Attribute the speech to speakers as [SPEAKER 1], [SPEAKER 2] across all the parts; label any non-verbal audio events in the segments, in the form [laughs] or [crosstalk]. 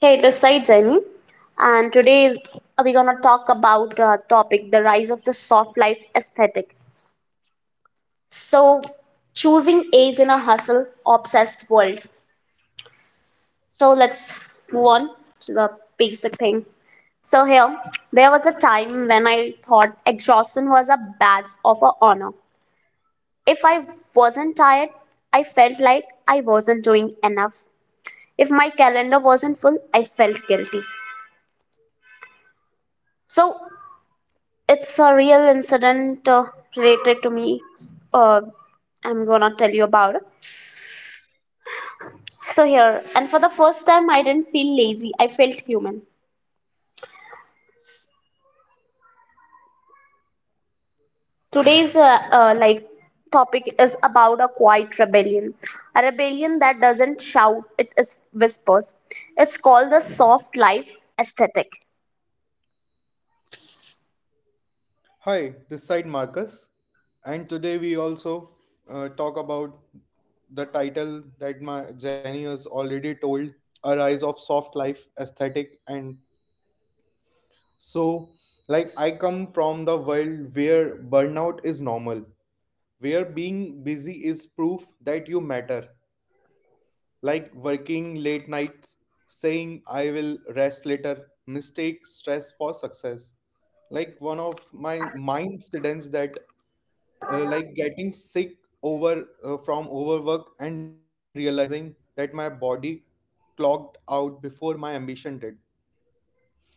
[SPEAKER 1] Hey, this is Jenny, and today we're gonna talk about the topic the rise of the soft life aesthetic. So, choosing age in a hustle obsessed world. So, let's move on to the basic thing. So, here, there was a time when I thought exhaustion was a badge of a honor. If I wasn't tired, I felt like I wasn't doing enough. If my calendar wasn't full, I felt guilty. So it's a real incident related to me. Uh, I'm gonna tell you about it. So here, and for the first time, I didn't feel lazy. I felt human. Today's like topic is about a quiet rebellion, a rebellion that doesn't shout. It is whispers. It's called the soft life aesthetic.
[SPEAKER 2] Hi, this side Marcus, and today we also talk about the title that my Jenny has already told: "A Rise of Soft Life Aesthetic." And so, like I come from the world where burnout is normal, where being busy is proof that you matter. Like working late nights, saying "I will rest later," mistake stress for success like one of my mind students that like getting sick over from overwork and realizing that my body clocked out before my ambition did.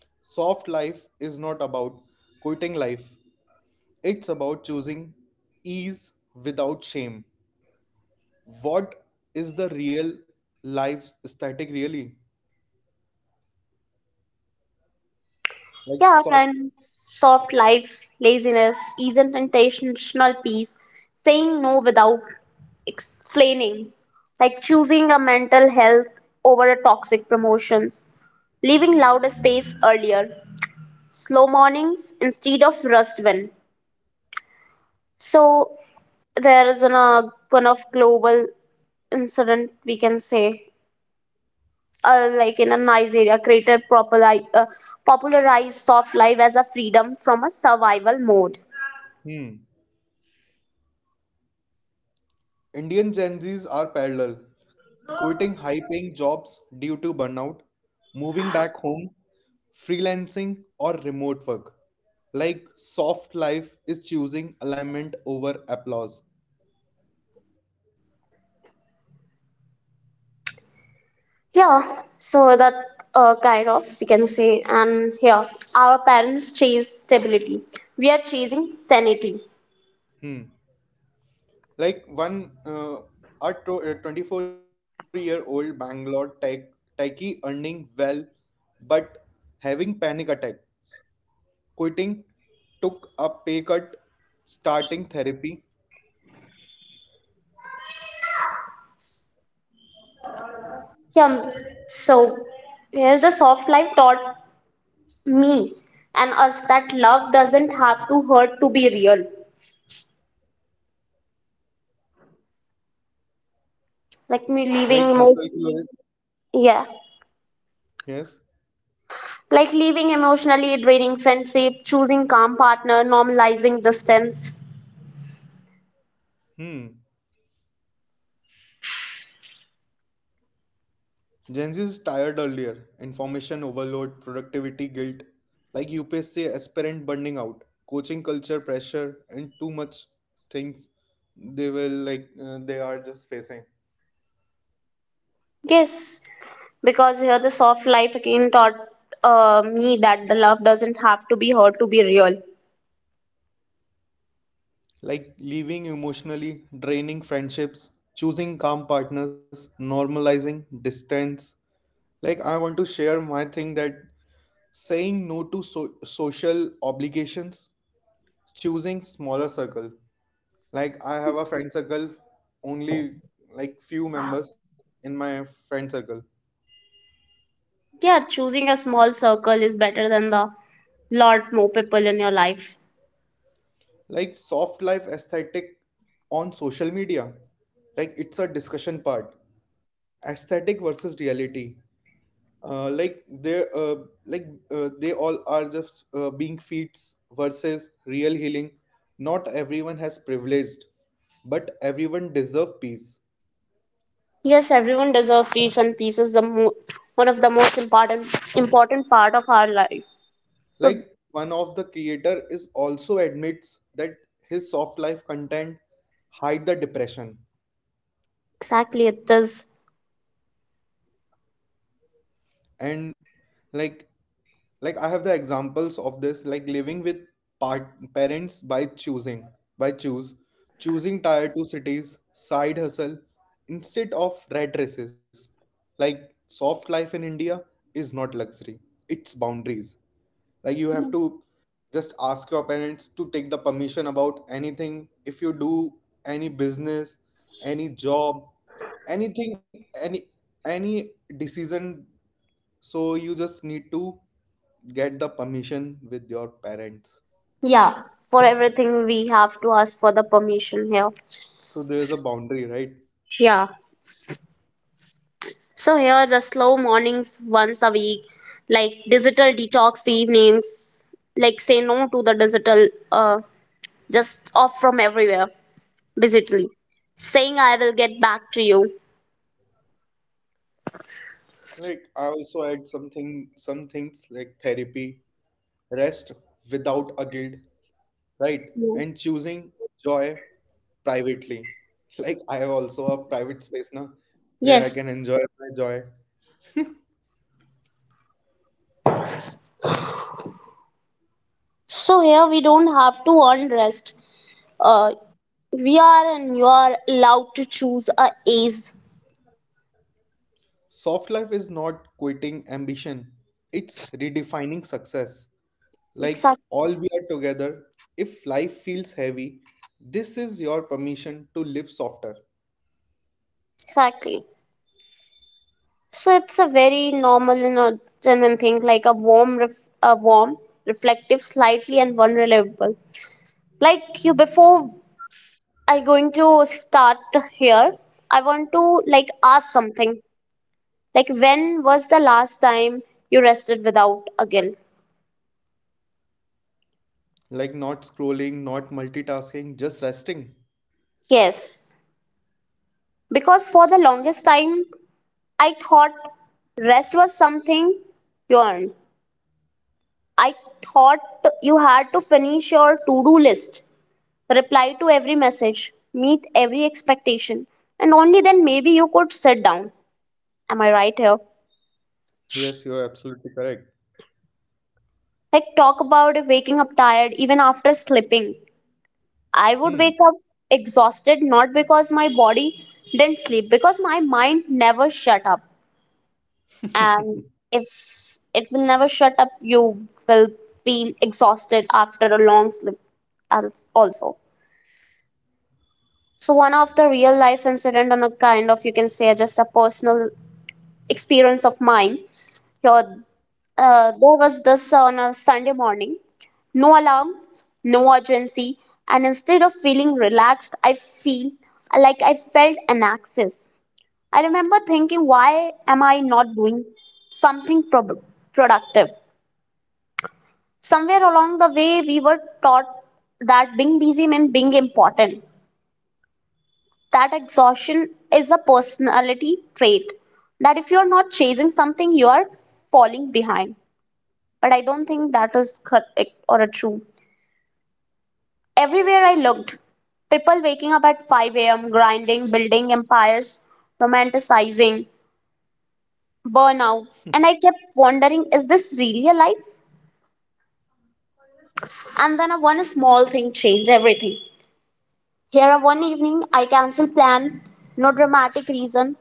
[SPEAKER 2] Soft life is not about quitting life, it's about choosing ease without shame. What is the real life aesthetic really, like
[SPEAKER 1] Yeah,
[SPEAKER 2] soft.
[SPEAKER 1] and soft life, laziness, isn't intentional peace, saying no without explaining, like choosing a mental health over a toxic promotions, leaving louder space earlier, slow mornings instead of rushed when. So there is an, one of global incident we can say like in a Nigeria created popular, popularized soft life as a freedom from a survival mode.
[SPEAKER 2] Hmm. Indian Gen Zs are parallel, quitting high paying jobs due to burnout, moving back home, freelancing, or remote work. Like, soft life is choosing alignment over applause.
[SPEAKER 1] Yeah, so that kind of we can say, and yeah, our parents chase stability. We are chasing sanity.
[SPEAKER 2] Hmm. Like, a 24-year-old Bangalore techie earning well but having panic attacks, quitting, took a pay cut, starting therapy,
[SPEAKER 1] Yeah, so here the soft life taught me and us that love doesn't have to hurt to be real. Like
[SPEAKER 2] like
[SPEAKER 1] me
[SPEAKER 2] hustle.
[SPEAKER 1] leaving, yeah,
[SPEAKER 2] Yes.
[SPEAKER 1] like leaving emotionally draining friendship, choosing calm partner, normalizing distance.
[SPEAKER 2] Hmm. Gen Z is tired earlier. Information overload, productivity guilt, like UPSC aspirant burning out, coaching culture pressure, and too much things they will they are just facing.
[SPEAKER 1] Yes, because here the soft life again taught me that the love doesn't have to be hurt to be real.
[SPEAKER 2] Like leaving emotionally, draining friendships, choosing calm partners, normalizing distance. Like I want to share my thing that saying no to social obligations, choosing smaller circle. Like I have a friend circle, only like few members in my friend circle.
[SPEAKER 1] Yeah, choosing a small circle is better than the lot more people in your life.
[SPEAKER 2] Like soft life aesthetic on social media, like it's a discussion part. Aesthetic versus reality. Uh, like they uh, like they all are just being feats versus real healing. Not everyone has privileged, but everyone deserve peace.
[SPEAKER 1] Yes, everyone deserves peace, and peace is the one of the most important part of our life. So
[SPEAKER 2] Like one of the creator is also admits that his soft life content hide the depression,
[SPEAKER 1] exactly, it is.
[SPEAKER 2] and like like I have the examples of this, like living with parents by choosing, by choose choosing tier 2 cities side hustle instead of rat races. Like soft life in India is not luxury, it's boundaries. Like you have to just ask your parents to take the permission about anything if you do any business, any job, anything, any decision. So you just need to get the permission with your parents.
[SPEAKER 1] Yeah, for everything we have to ask for the permission here.
[SPEAKER 2] So there is a boundary, right?
[SPEAKER 1] Yeah. So here the slow mornings once a week, like digital detox evenings, like say no to the digital, just off from everywhere digitally, saying I will get back to you.
[SPEAKER 2] Like I also add something, some things like therapy, rest without a guilt, right? And
[SPEAKER 1] Yeah.
[SPEAKER 2] choosing joy privately. Like I have also a private space now where I can
[SPEAKER 1] Yes.
[SPEAKER 2] enjoy my joy.
[SPEAKER 1] So here we don't have to earn rest. Uh, we are and you are allowed to choose a age.
[SPEAKER 2] Soft life is not quitting ambition; it's redefining success. Like
[SPEAKER 1] Exactly.
[SPEAKER 2] all we are together. If life feels heavy, this is your permission to live softer,
[SPEAKER 1] Exactly. So it's a very normal and a genuine thing, like a warm, a warm, reflective, slightly and vulnerable like you before I going to start here I want to like ask something like when was the last time you rested without a guilt?
[SPEAKER 2] like not scrolling, not multitasking, just resting.
[SPEAKER 1] Yes, because for the longest time I thought rest was something you earned. I thought you had to finish your to-do list, reply to every message, meet every expectation, and only then maybe you could sit down. Am I right here?
[SPEAKER 2] Yes, you are absolutely correct.
[SPEAKER 1] Like, talk about waking up tired even after sleeping. I would wake
[SPEAKER 2] Hmm.
[SPEAKER 1] up exhausted not because my body didn't sleep, because my mind never shut up. And
[SPEAKER 2] [laughs]
[SPEAKER 1] if it will never shut up, you will feel exhausted after a long sleep also. So, one of the real life incident on a kind of you can say just a personal experience of mine. Here, there was this on a Sunday morning. No alarm, no urgency, and instead of feeling relaxed, I feel like I felt an axis. I remember thinking, why am I not doing something productive? Somewhere along the way, we were taught that being busy meant being important. That exhaustion is a personality trait. That if you are not chasing something, you are falling behind. But I don't think that is correct or a true. Everywhere I looked, people waking up at 5 a.m., grinding, building empires, romanticizing, burnout. And I kept wondering, is this really a life? And then a one small thing changed everything. Here, a one evening, I canceled plan, no dramatic reason.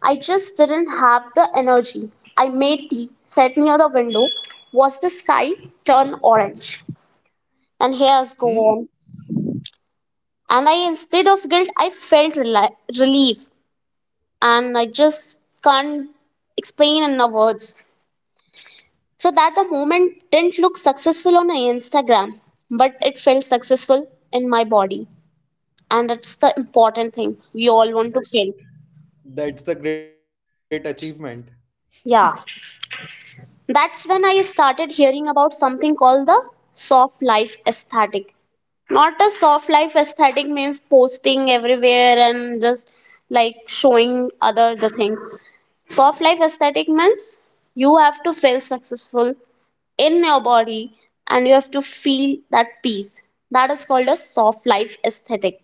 [SPEAKER 1] I just didn't have the energy. I made tea, sat near the window, watched the sky turn orange. And here's go
[SPEAKER 2] Hmm.
[SPEAKER 1] on and I instead of guilt I felt relief, and I just can't explain in the words. So that the moment didn't look successful on Instagram, but it felt successful in my body, and that's the important thing we all want to
[SPEAKER 2] That-
[SPEAKER 1] feel.
[SPEAKER 2] that's the great achievement.
[SPEAKER 1] Yeah, that's when I started hearing about something called the soft life aesthetic. Not a soft life aesthetic means posting everywhere and just like showing other the thing. Soft life aesthetic means you have to feel successful in your body and you have to feel that peace. That is called a soft life aesthetic.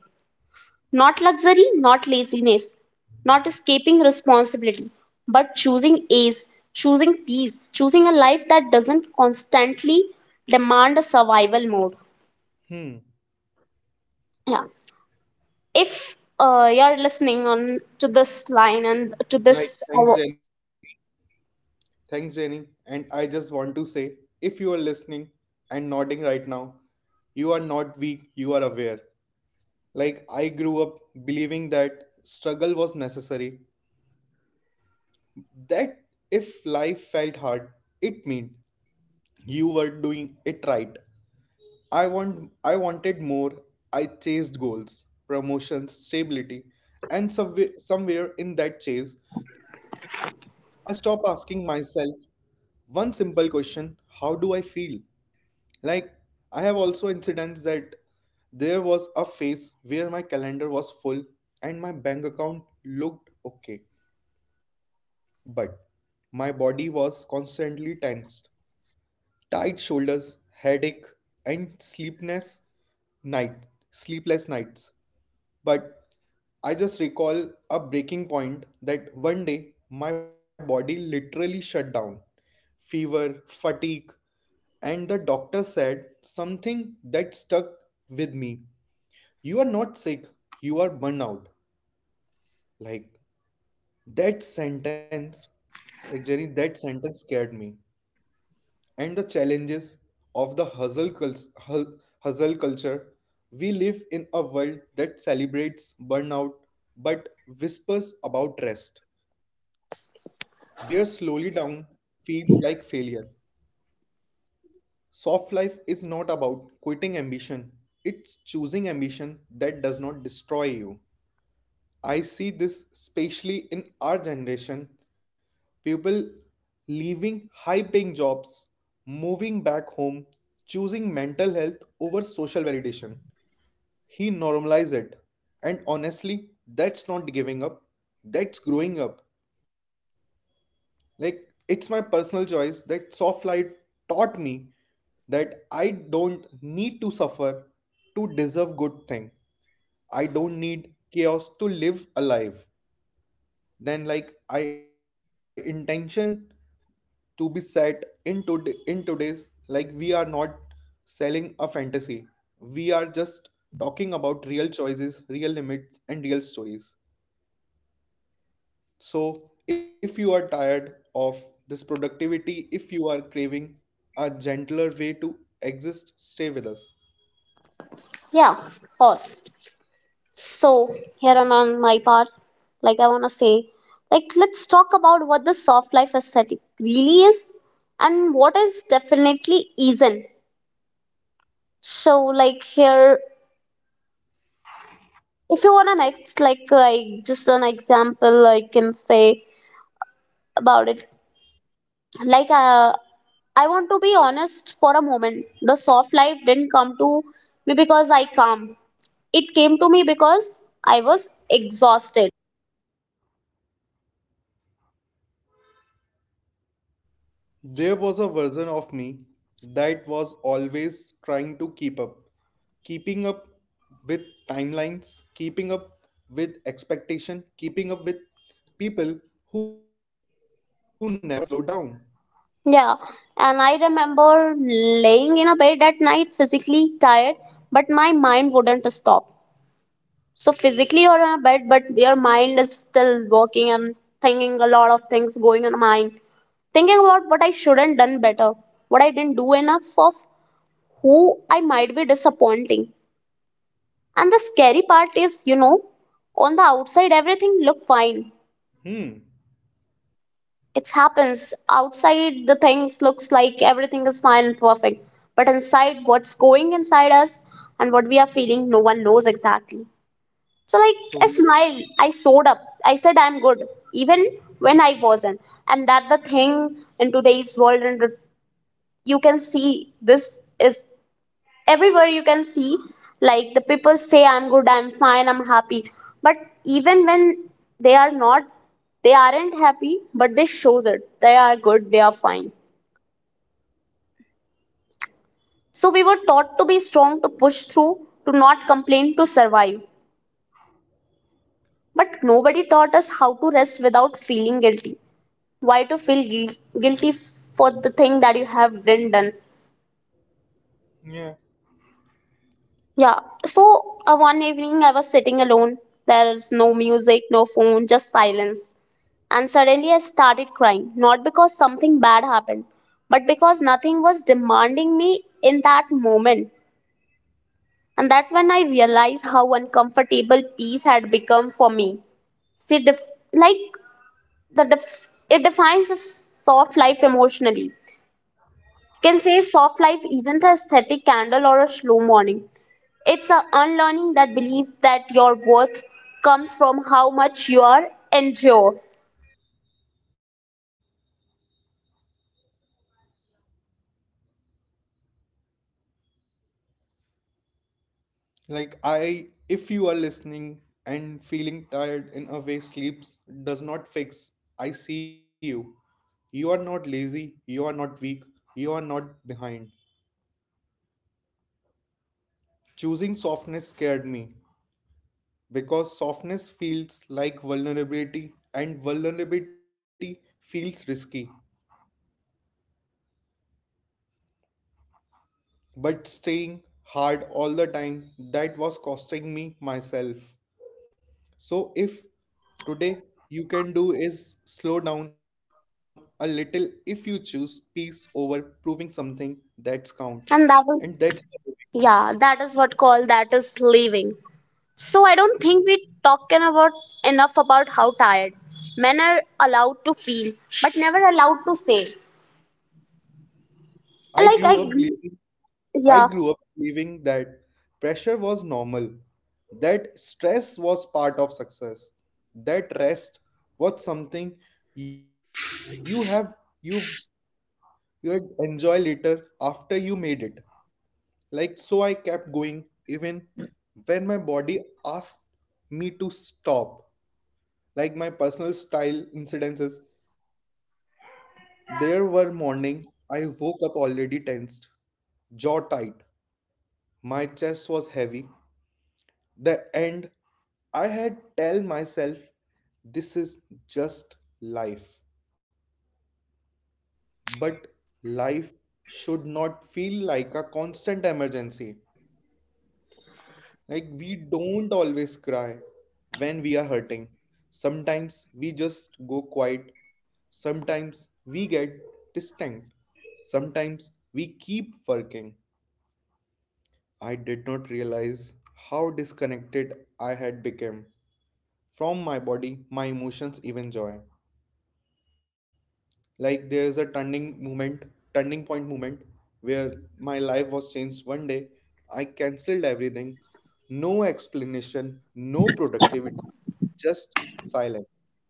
[SPEAKER 1] Not luxury, not laziness, not escaping responsibility, but choosing ease, choosing peace, choosing a life that doesn't constantly demand a survival mode.
[SPEAKER 2] Hmm.
[SPEAKER 1] Yeah. If you're listening on to this line and to this,
[SPEAKER 2] Like,
[SPEAKER 1] uh,
[SPEAKER 2] thanks, Jenny. Thanks, Jenny. And I just want to say if you are listening and nodding right now, you are not weak, you are aware. Like, I grew up believing that struggle was necessary, that if life felt hard it meant you were doing it right. I wanted more. I chased goals, promotions, stability, and somewhere in that chase I stopped asking myself one simple question: how do I feel? Like, I have also incidents that there was a phase where my calendar was full and my bank account looked okay, but my body was constantly tensed. Tight shoulders, headache, and night, sleepless nights. But I just recall a breaking point that one day my body literally shut down. Fever, fatigue, and the doctor said something that stuck with me. You are not sick, you are burnout. Like that sentence, like Jenny, that sentence scared me. And the challenges of the hustle culture, we live in a world that celebrates burnout but whispers about rest, where slowly down feels like failure. Soft life is not about quitting ambition, it's choosing ambition that does not destroy you. I see this especially in our generation, people leaving high paying jobs, moving back home, choosing mental health over social validation. He normalized it. And honestly, that's not giving up, that's growing up. Like, it's my personal choice that soft life taught me that I don't need to suffer to deserve good thing. I don't need chaos to live alive. Then like I intention to be set in today's, like we are not selling a fantasy, we are just talking about real choices, real limits and real stories. So if you are tired of this productivity, if you are craving a gentler way to exist, stay with us.
[SPEAKER 1] yeah, pause. So, here on my part, like I want to say, like let's talk about what the soft life aesthetic really is and what is definitely isn't. So, like here, if you want an ex, like I just an example I can say about it. Like I want to be honest for a moment. The soft life didn't come to me because I calm. It came to me because I was exhausted.
[SPEAKER 2] There was a version of me that was always trying to keep up, keeping up with timelines, keeping up with expectation, keeping up with people who never slow down.
[SPEAKER 1] Yeah, and I remember laying in a bed at night, physically tired, but my mind wouldn't stop. So physically you're in a bed, but your mind is still working and thinking a lot of things going in mind, thinking about what I shouldn't done better, what I didn't do enough of, who I might be disappointing. And the scary part is, you know, on the outside everything look fine.
[SPEAKER 2] Hmm.
[SPEAKER 1] It happens outside the things looks like everything is fine and perfect, but inside what's going inside us and what we are feeling, no one knows exactly. So like I
[SPEAKER 2] So
[SPEAKER 1] smiled, I showed up, I said I'm good, even when I wasn't. And that the thing in today's world, and you can see this is everywhere, you can see like the people say I'm good, I'm fine, I'm happy, but even when they are not, they aren't happy but they shows it they are good, they are fine. So we were taught to be strong, to push through, to not complain, to survive, but nobody taught us how to rest without feeling guilty. Why to feel guilty for the thing that you have didn't done?
[SPEAKER 2] yeah,
[SPEAKER 1] Yeah. So one evening I was sitting alone. There is no music, no phone, just silence. And suddenly I started crying, not because something bad happened, but because nothing was demanding me in that moment. And that when I realized how uncomfortable peace had become for me. See, like the it defines a soft life emotionally. You can say soft life isn't a aesthetic candle or a slow morning. It's a unlearning that belief that your worth comes from how much you are endure.
[SPEAKER 2] like I, if you are listening and feeling tired in a way sleeps does not fix, I see you. You are not lazy, you are not weak, you are not behind. Choosing softness scared me, because softness feels like vulnerability and vulnerability feels risky. But staying hard all the time, that was costing me myself. So, if today you can do is slow down a little, if you choose peace over proving something, that's count.
[SPEAKER 1] And
[SPEAKER 2] And
[SPEAKER 1] that
[SPEAKER 2] that's
[SPEAKER 1] is yeah, that is what called that is living. So I don't think we talking about enough about how tired men are allowed to feel, but never allowed to say.
[SPEAKER 2] I grew
[SPEAKER 1] Like
[SPEAKER 2] up
[SPEAKER 1] I,
[SPEAKER 2] believing I
[SPEAKER 1] yeah,
[SPEAKER 2] grew up believing that pressure was normal, that stress was part of success, that rest was something you have you you'd enjoy later after you made it. Like so I kept going even when my body asked me to stop. Like my personal style incidences, there were morning I woke up already tensed, jaw tight, my chest was heavy. The end, I had tell myself this is just life. But life should not feel like a constant emergency. Like we don't always cry when we are hurting. Sometimes we just go quiet. Sometimes we get distant. Sometimes we keep working. I did not realize how disconnected I had become from my body, my emotions, even joy. Like there is a turning point moment where my life was changed one day. I cancelled everything, no explanation, no productivity, just silence.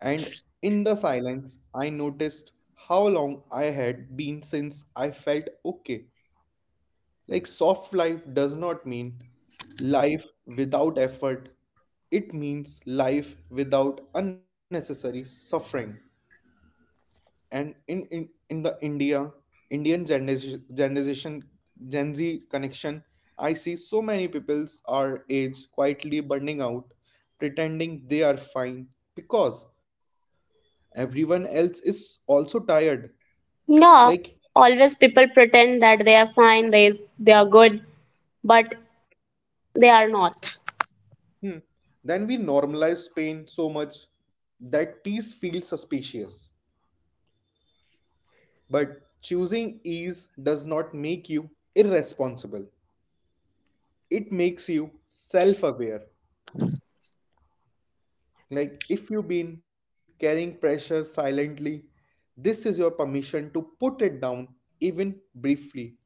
[SPEAKER 2] And in the silence, I noticed how long I had been since I felt okay. Like soft life does not mean life without effort. It means life without unnecessary suffering. And in the India, Indian generation Gen Z connection, I see so many peoples our age quietly burning out, pretending they are fine because everyone else is also tired. Like.
[SPEAKER 1] yeah. Always people pretend that they are fine, they are good, but they are not.
[SPEAKER 2] Hmm. Then we normalize pain so much that peace feels suspicious. But choosing ease does not make you irresponsible. It makes you self aware. Like if you've been carrying pressure silently, this is your permission to put it down, even briefly.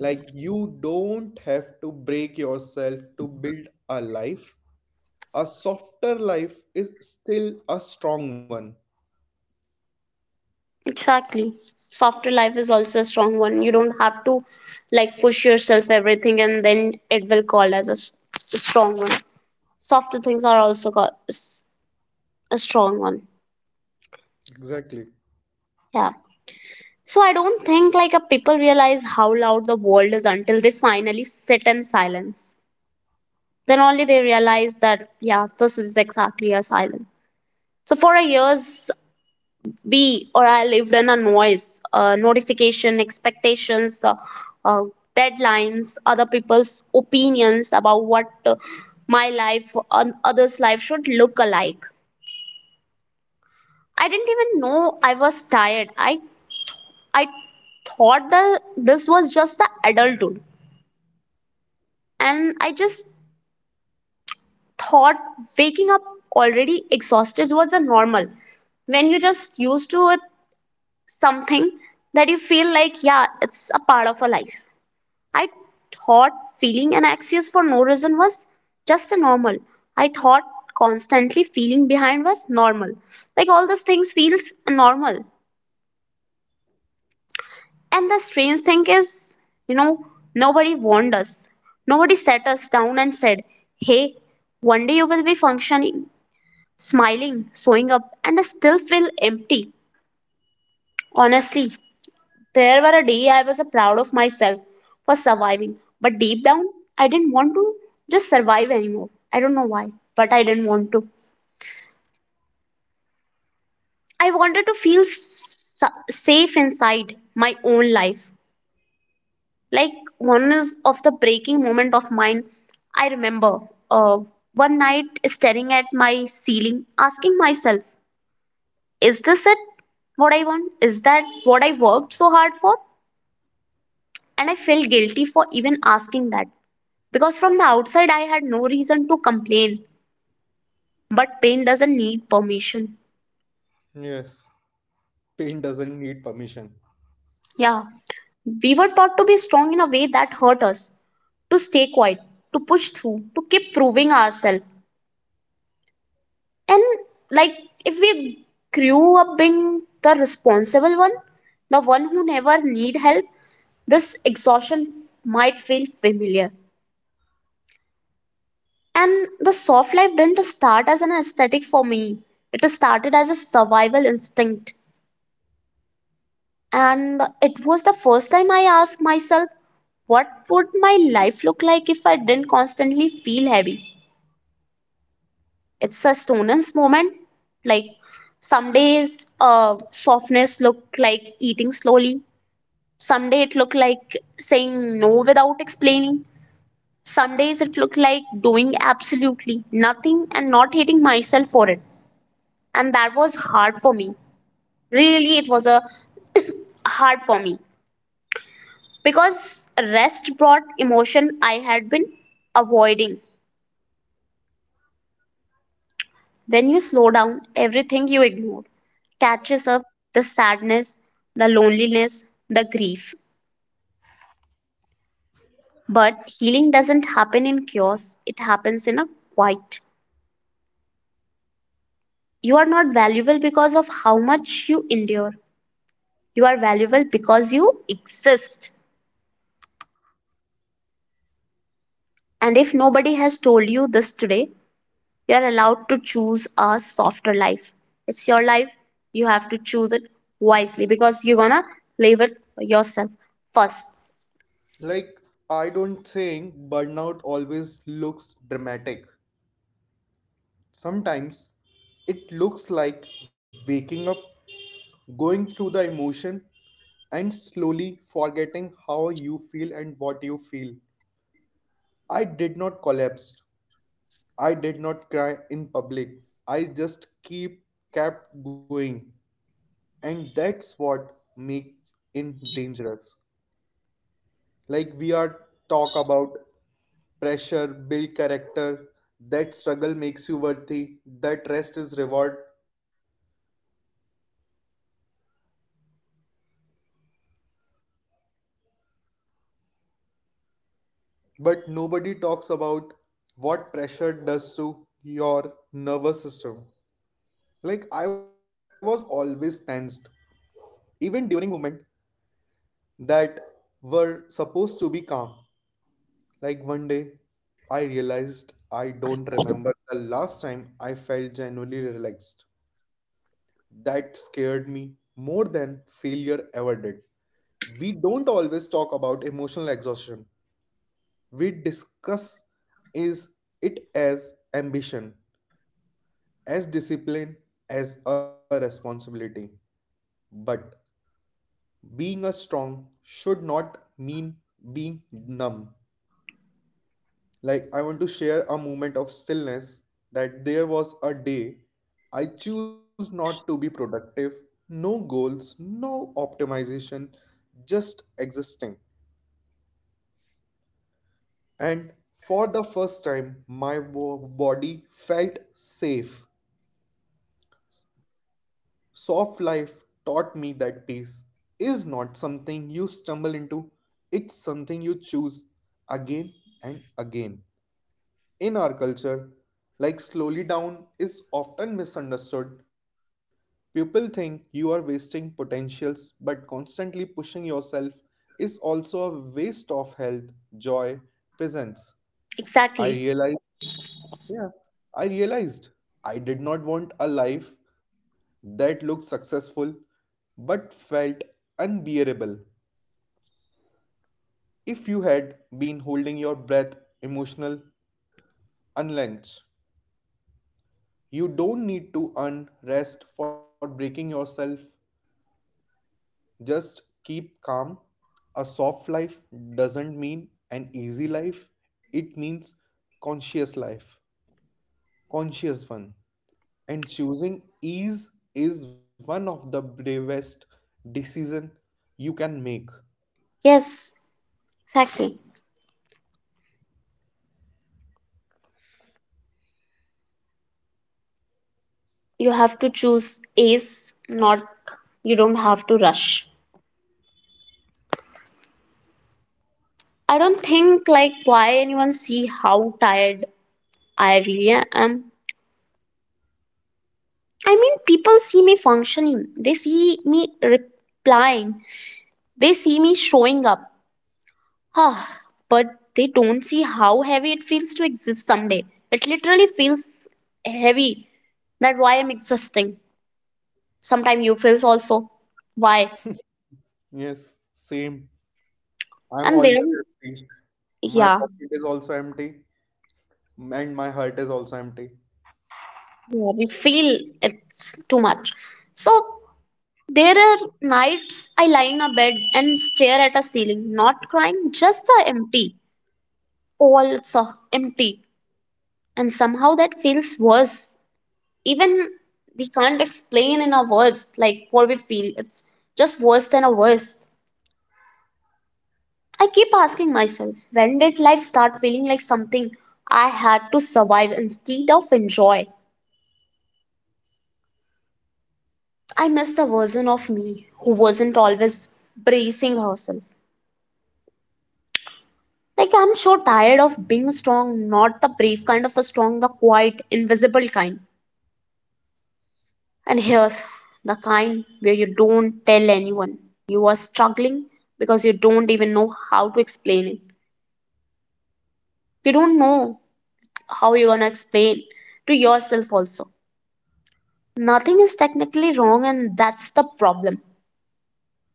[SPEAKER 2] Like you don't have to break yourself to build a life. A softer life is still a strong one.
[SPEAKER 1] Exactly. Softer life is also a strong one. You don't have to like push yourself everything and then it will call as a, a strong one. Softer things are also called a strong one.
[SPEAKER 2] Exactly.
[SPEAKER 1] Yeah. So I don't think like a people realize how loud the world is until they finally sit in silence. Then only they realize that yeah, this is exactly a silence. So for a years we or I lived in a noise, notification, expectations, uh, deadlines, other people's opinions about what my life and others' life should look alike. I didn't even know I was tired. I thought that this was just the adulthood, and I just thought waking up already exhausted was a normal when you just used to it, something that you feel like yeah it's a part of a life. I thought feeling anxious for no reason was just a normal. I thought constantly feeling behind was normal. Like all those things feels normal. And the strange thing is, you know, nobody warned us. Nobody sat us down and said, hey, one day you will be functioning, smiling, showing up, and still feel empty. Honestly, there were a day I was proud of myself for surviving, but deep down, I didn't want to just survive anymore. I don't know why, but I didn't want to. I wanted to feel safe inside my own life. Like one is of the breaking moment of mine, I remember uh, one night staring at my ceiling, asking myself, is this it? What I want? Is that what I worked so hard for? And I felt guilty for even asking that. Because from the outside, I had no reason to complain. But pain doesn't need permission.
[SPEAKER 2] Yes, pain doesn't need permission.
[SPEAKER 1] Yeah. We were taught to be strong in a way that hurt us, to stay quiet, to push through, to keep proving ourselves. And like, if we grew up being the responsible one, the one who never need help, this exhaustion might feel familiar. And the soft life didn't start as an aesthetic for me. It started as a survival instinct. And it was the first time I asked myself, what would my life look like if I didn't constantly feel heavy? It's a stoner's moment. Like some days, softness looked like eating slowly. Some day it looked like saying no without explaining. Some days it looked like doing absolutely nothing and not hating myself for it. And that was hard for me, really. It was a hard for me, because rest brought emotion I had been avoiding. When you slow down, everything you ignored catches up: the sadness, the loneliness, the grief. But healing doesn't happen in chaos, it happens in a quiet. You are not valuable because of how much you endure, you are valuable because you exist. And if nobody has told you this today, you are allowed to choose a softer life. It's your life. You have to choose it wisely, because you're gonna live it for yourself first.
[SPEAKER 2] Like, I don't think burnout always looks dramatic. Sometimes it looks like waking up, going through the emotion, and slowly forgetting how you feel and what you feel. I did not collapse. I did not cry in public. I just keep kept going. And that's what makes it dangerous. Like we are talk about pressure build character, that struggle makes you worthy, that rest is reward, but nobody talks about what pressure does to your nervous system. Like I was always tensed even during moments that were supposed to be calm. Like one day I realized I don't remember the last time I felt genuinely relaxed. That scared me more than failure ever did. We don't always talk about emotional exhaustion. We discuss is it as ambition, as discipline, as a responsibility. But being a strong should not mean being numb. Like I want to share a moment of stillness that there was a day I choose not to be productive, no goals, no optimization, just existing. And for the first time, my body felt safe. Soft life taught me that peace is not something you stumble into, it's something you choose again and again. In our culture, like slowly down is often misunderstood. People think you are wasting potentials, but constantly pushing yourself is also a waste of health, joy, presence. I
[SPEAKER 1] Exactly.
[SPEAKER 2] realize Yeah. I realized I did not want a life that looked successful but felt unbearable. If you had been holding your breath emotional unlens. You don't need to earn rest for breaking yourself. Just keep calm. A soft life doesn't mean an easy life. It means conscious life. Conscious one. And choosing ease is one of the bravest decision you can make.
[SPEAKER 1] Yes, exactly. You have to choose ace, not, you don't have to rush. I don't think like why anyone see how tired I really am. I mean, people see me functioning. They see me replying. They see me showing up. Ah, but they don't see how heavy it feels to exist someday. It literally feels heavy. That why I'm existing. Sometimes you feels also. Why?
[SPEAKER 2] Yes, same. I'm
[SPEAKER 1] And
[SPEAKER 2] always
[SPEAKER 1] then
[SPEAKER 2] empty. My
[SPEAKER 1] yeah,
[SPEAKER 2] pocket is also empty and my heart is also empty.
[SPEAKER 1] yeah, we feel it's too much. So there are nights I lie in a bed and stare at a ceiling, not crying, just a empty. All it's a empty. And somehow that feels worse, even we can't explain in our words like what we feel. It's just worse than a worst. I keep asking myself, when did life start feeling like something I had to survive instead of enjoy? I miss the version of me who wasn't always bracing herself. Like, I'm so tired of being strong. Not the brave kind of a strong, the quiet invisible kind. And here's the kind where you don't tell anyone you are struggling, because you don't even know how to explain it. You don't know how you're going to explain to yourself also. Nothing is technically wrong, and that's the problem.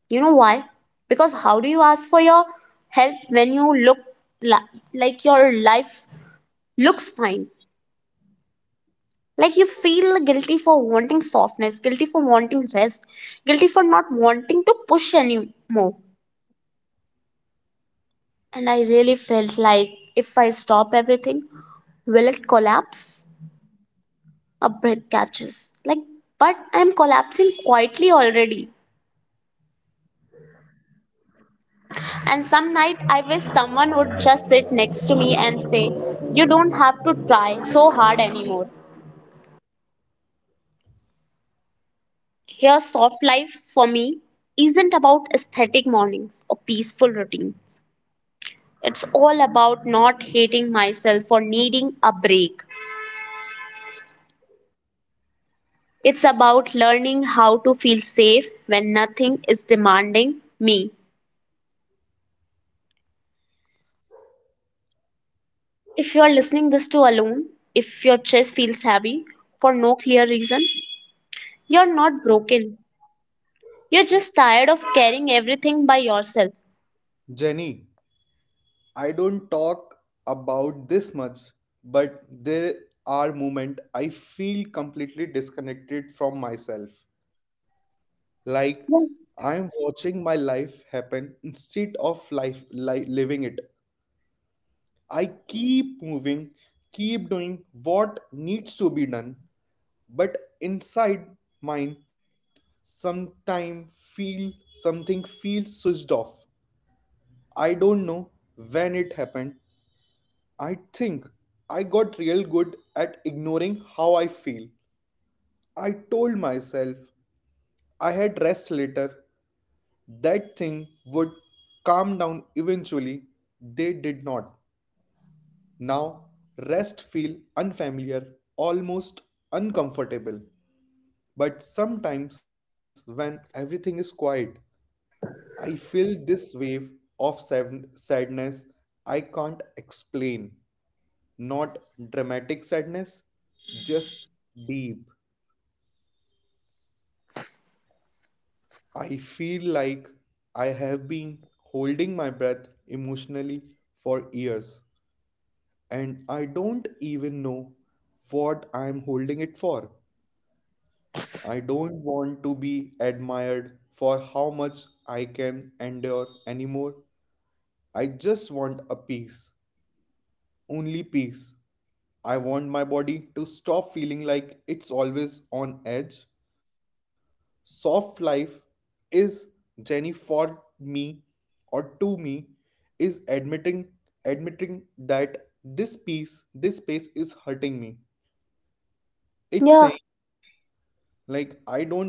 [SPEAKER 1] You know why? Because how do you ask for your help when you look like your life looks fine? Like, you feel guilty for wanting softness, guilty for wanting rest, guilty for not wanting to push anymore. And I really felt like, if I stop everything, will it collapse? A breath catches. Like, but I'm collapsing quietly already. And some night I wish someone would just sit next to me and say, you don't have to try so hard anymore. Here, soft life for me isn't about aesthetic mornings or peaceful routines. It's all about not hating myself for needing a break. It's about learning how to feel safe when nothing is demanding me. If you are listening this to alone, if your chest feels heavy for no clear reason, you're not broken. You're just tired of carrying everything by yourself.
[SPEAKER 2] Jenny, I don't talk about this much, but there are moments I feel completely disconnected from myself, like
[SPEAKER 1] Yeah.
[SPEAKER 2] I'm watching my life happen instead of living it. I keep moving, keep doing what needs to be done, but inside mine sometime feel something feels switched off. I don't know when it happened. I think I got real good at ignoring how I feel. I told myself I had rest later. That thing would calm down eventually. They did not. Now, rest feel unfamiliar, almost uncomfortable. But sometimes when everything is quiet, I feel this wave of sadness I can't explain. Not dramatic sadness, just deep. I feel like I have been holding my breath emotionally for years, and I don't even know what I am holding it for. I don't want to be admired for how much I can endure anymore. I just want a peace, only peace. I want my body to stop feeling like it's always on edge. Soft life is, Jenny, for me or to me, is admitting that this piece, this space is hurting me.
[SPEAKER 1] Yeah.
[SPEAKER 2] It's saying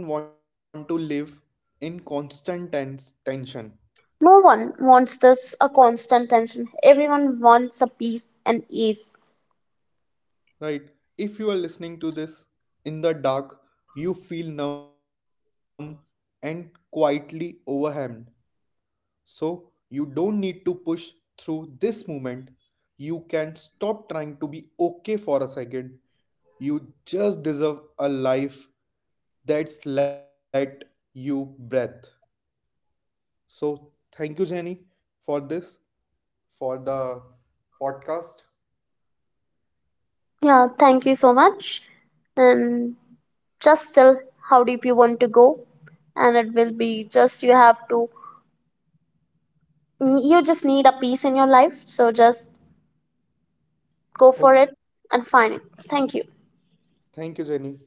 [SPEAKER 2] like I don't want to live in constant tension.
[SPEAKER 1] No one wants this a constant tension. Everyone wants a peace and ease.
[SPEAKER 2] Right, if you are listening to this in the dark, you feel numb and quietly overwhelmed, so you don't need to push through this moment. You can stop trying to be okay for a second. You just deserve a life that's let you breathe. So thank you, Jenny, for this, for the podcast.
[SPEAKER 1] Yeah, thank you so much. And just tell how deep you want to go, and it will be just, you have to, you just need a peace in your life. So just go for
[SPEAKER 2] Okay.
[SPEAKER 1] it and find it. Thank you.
[SPEAKER 2] Thank you, Jenny.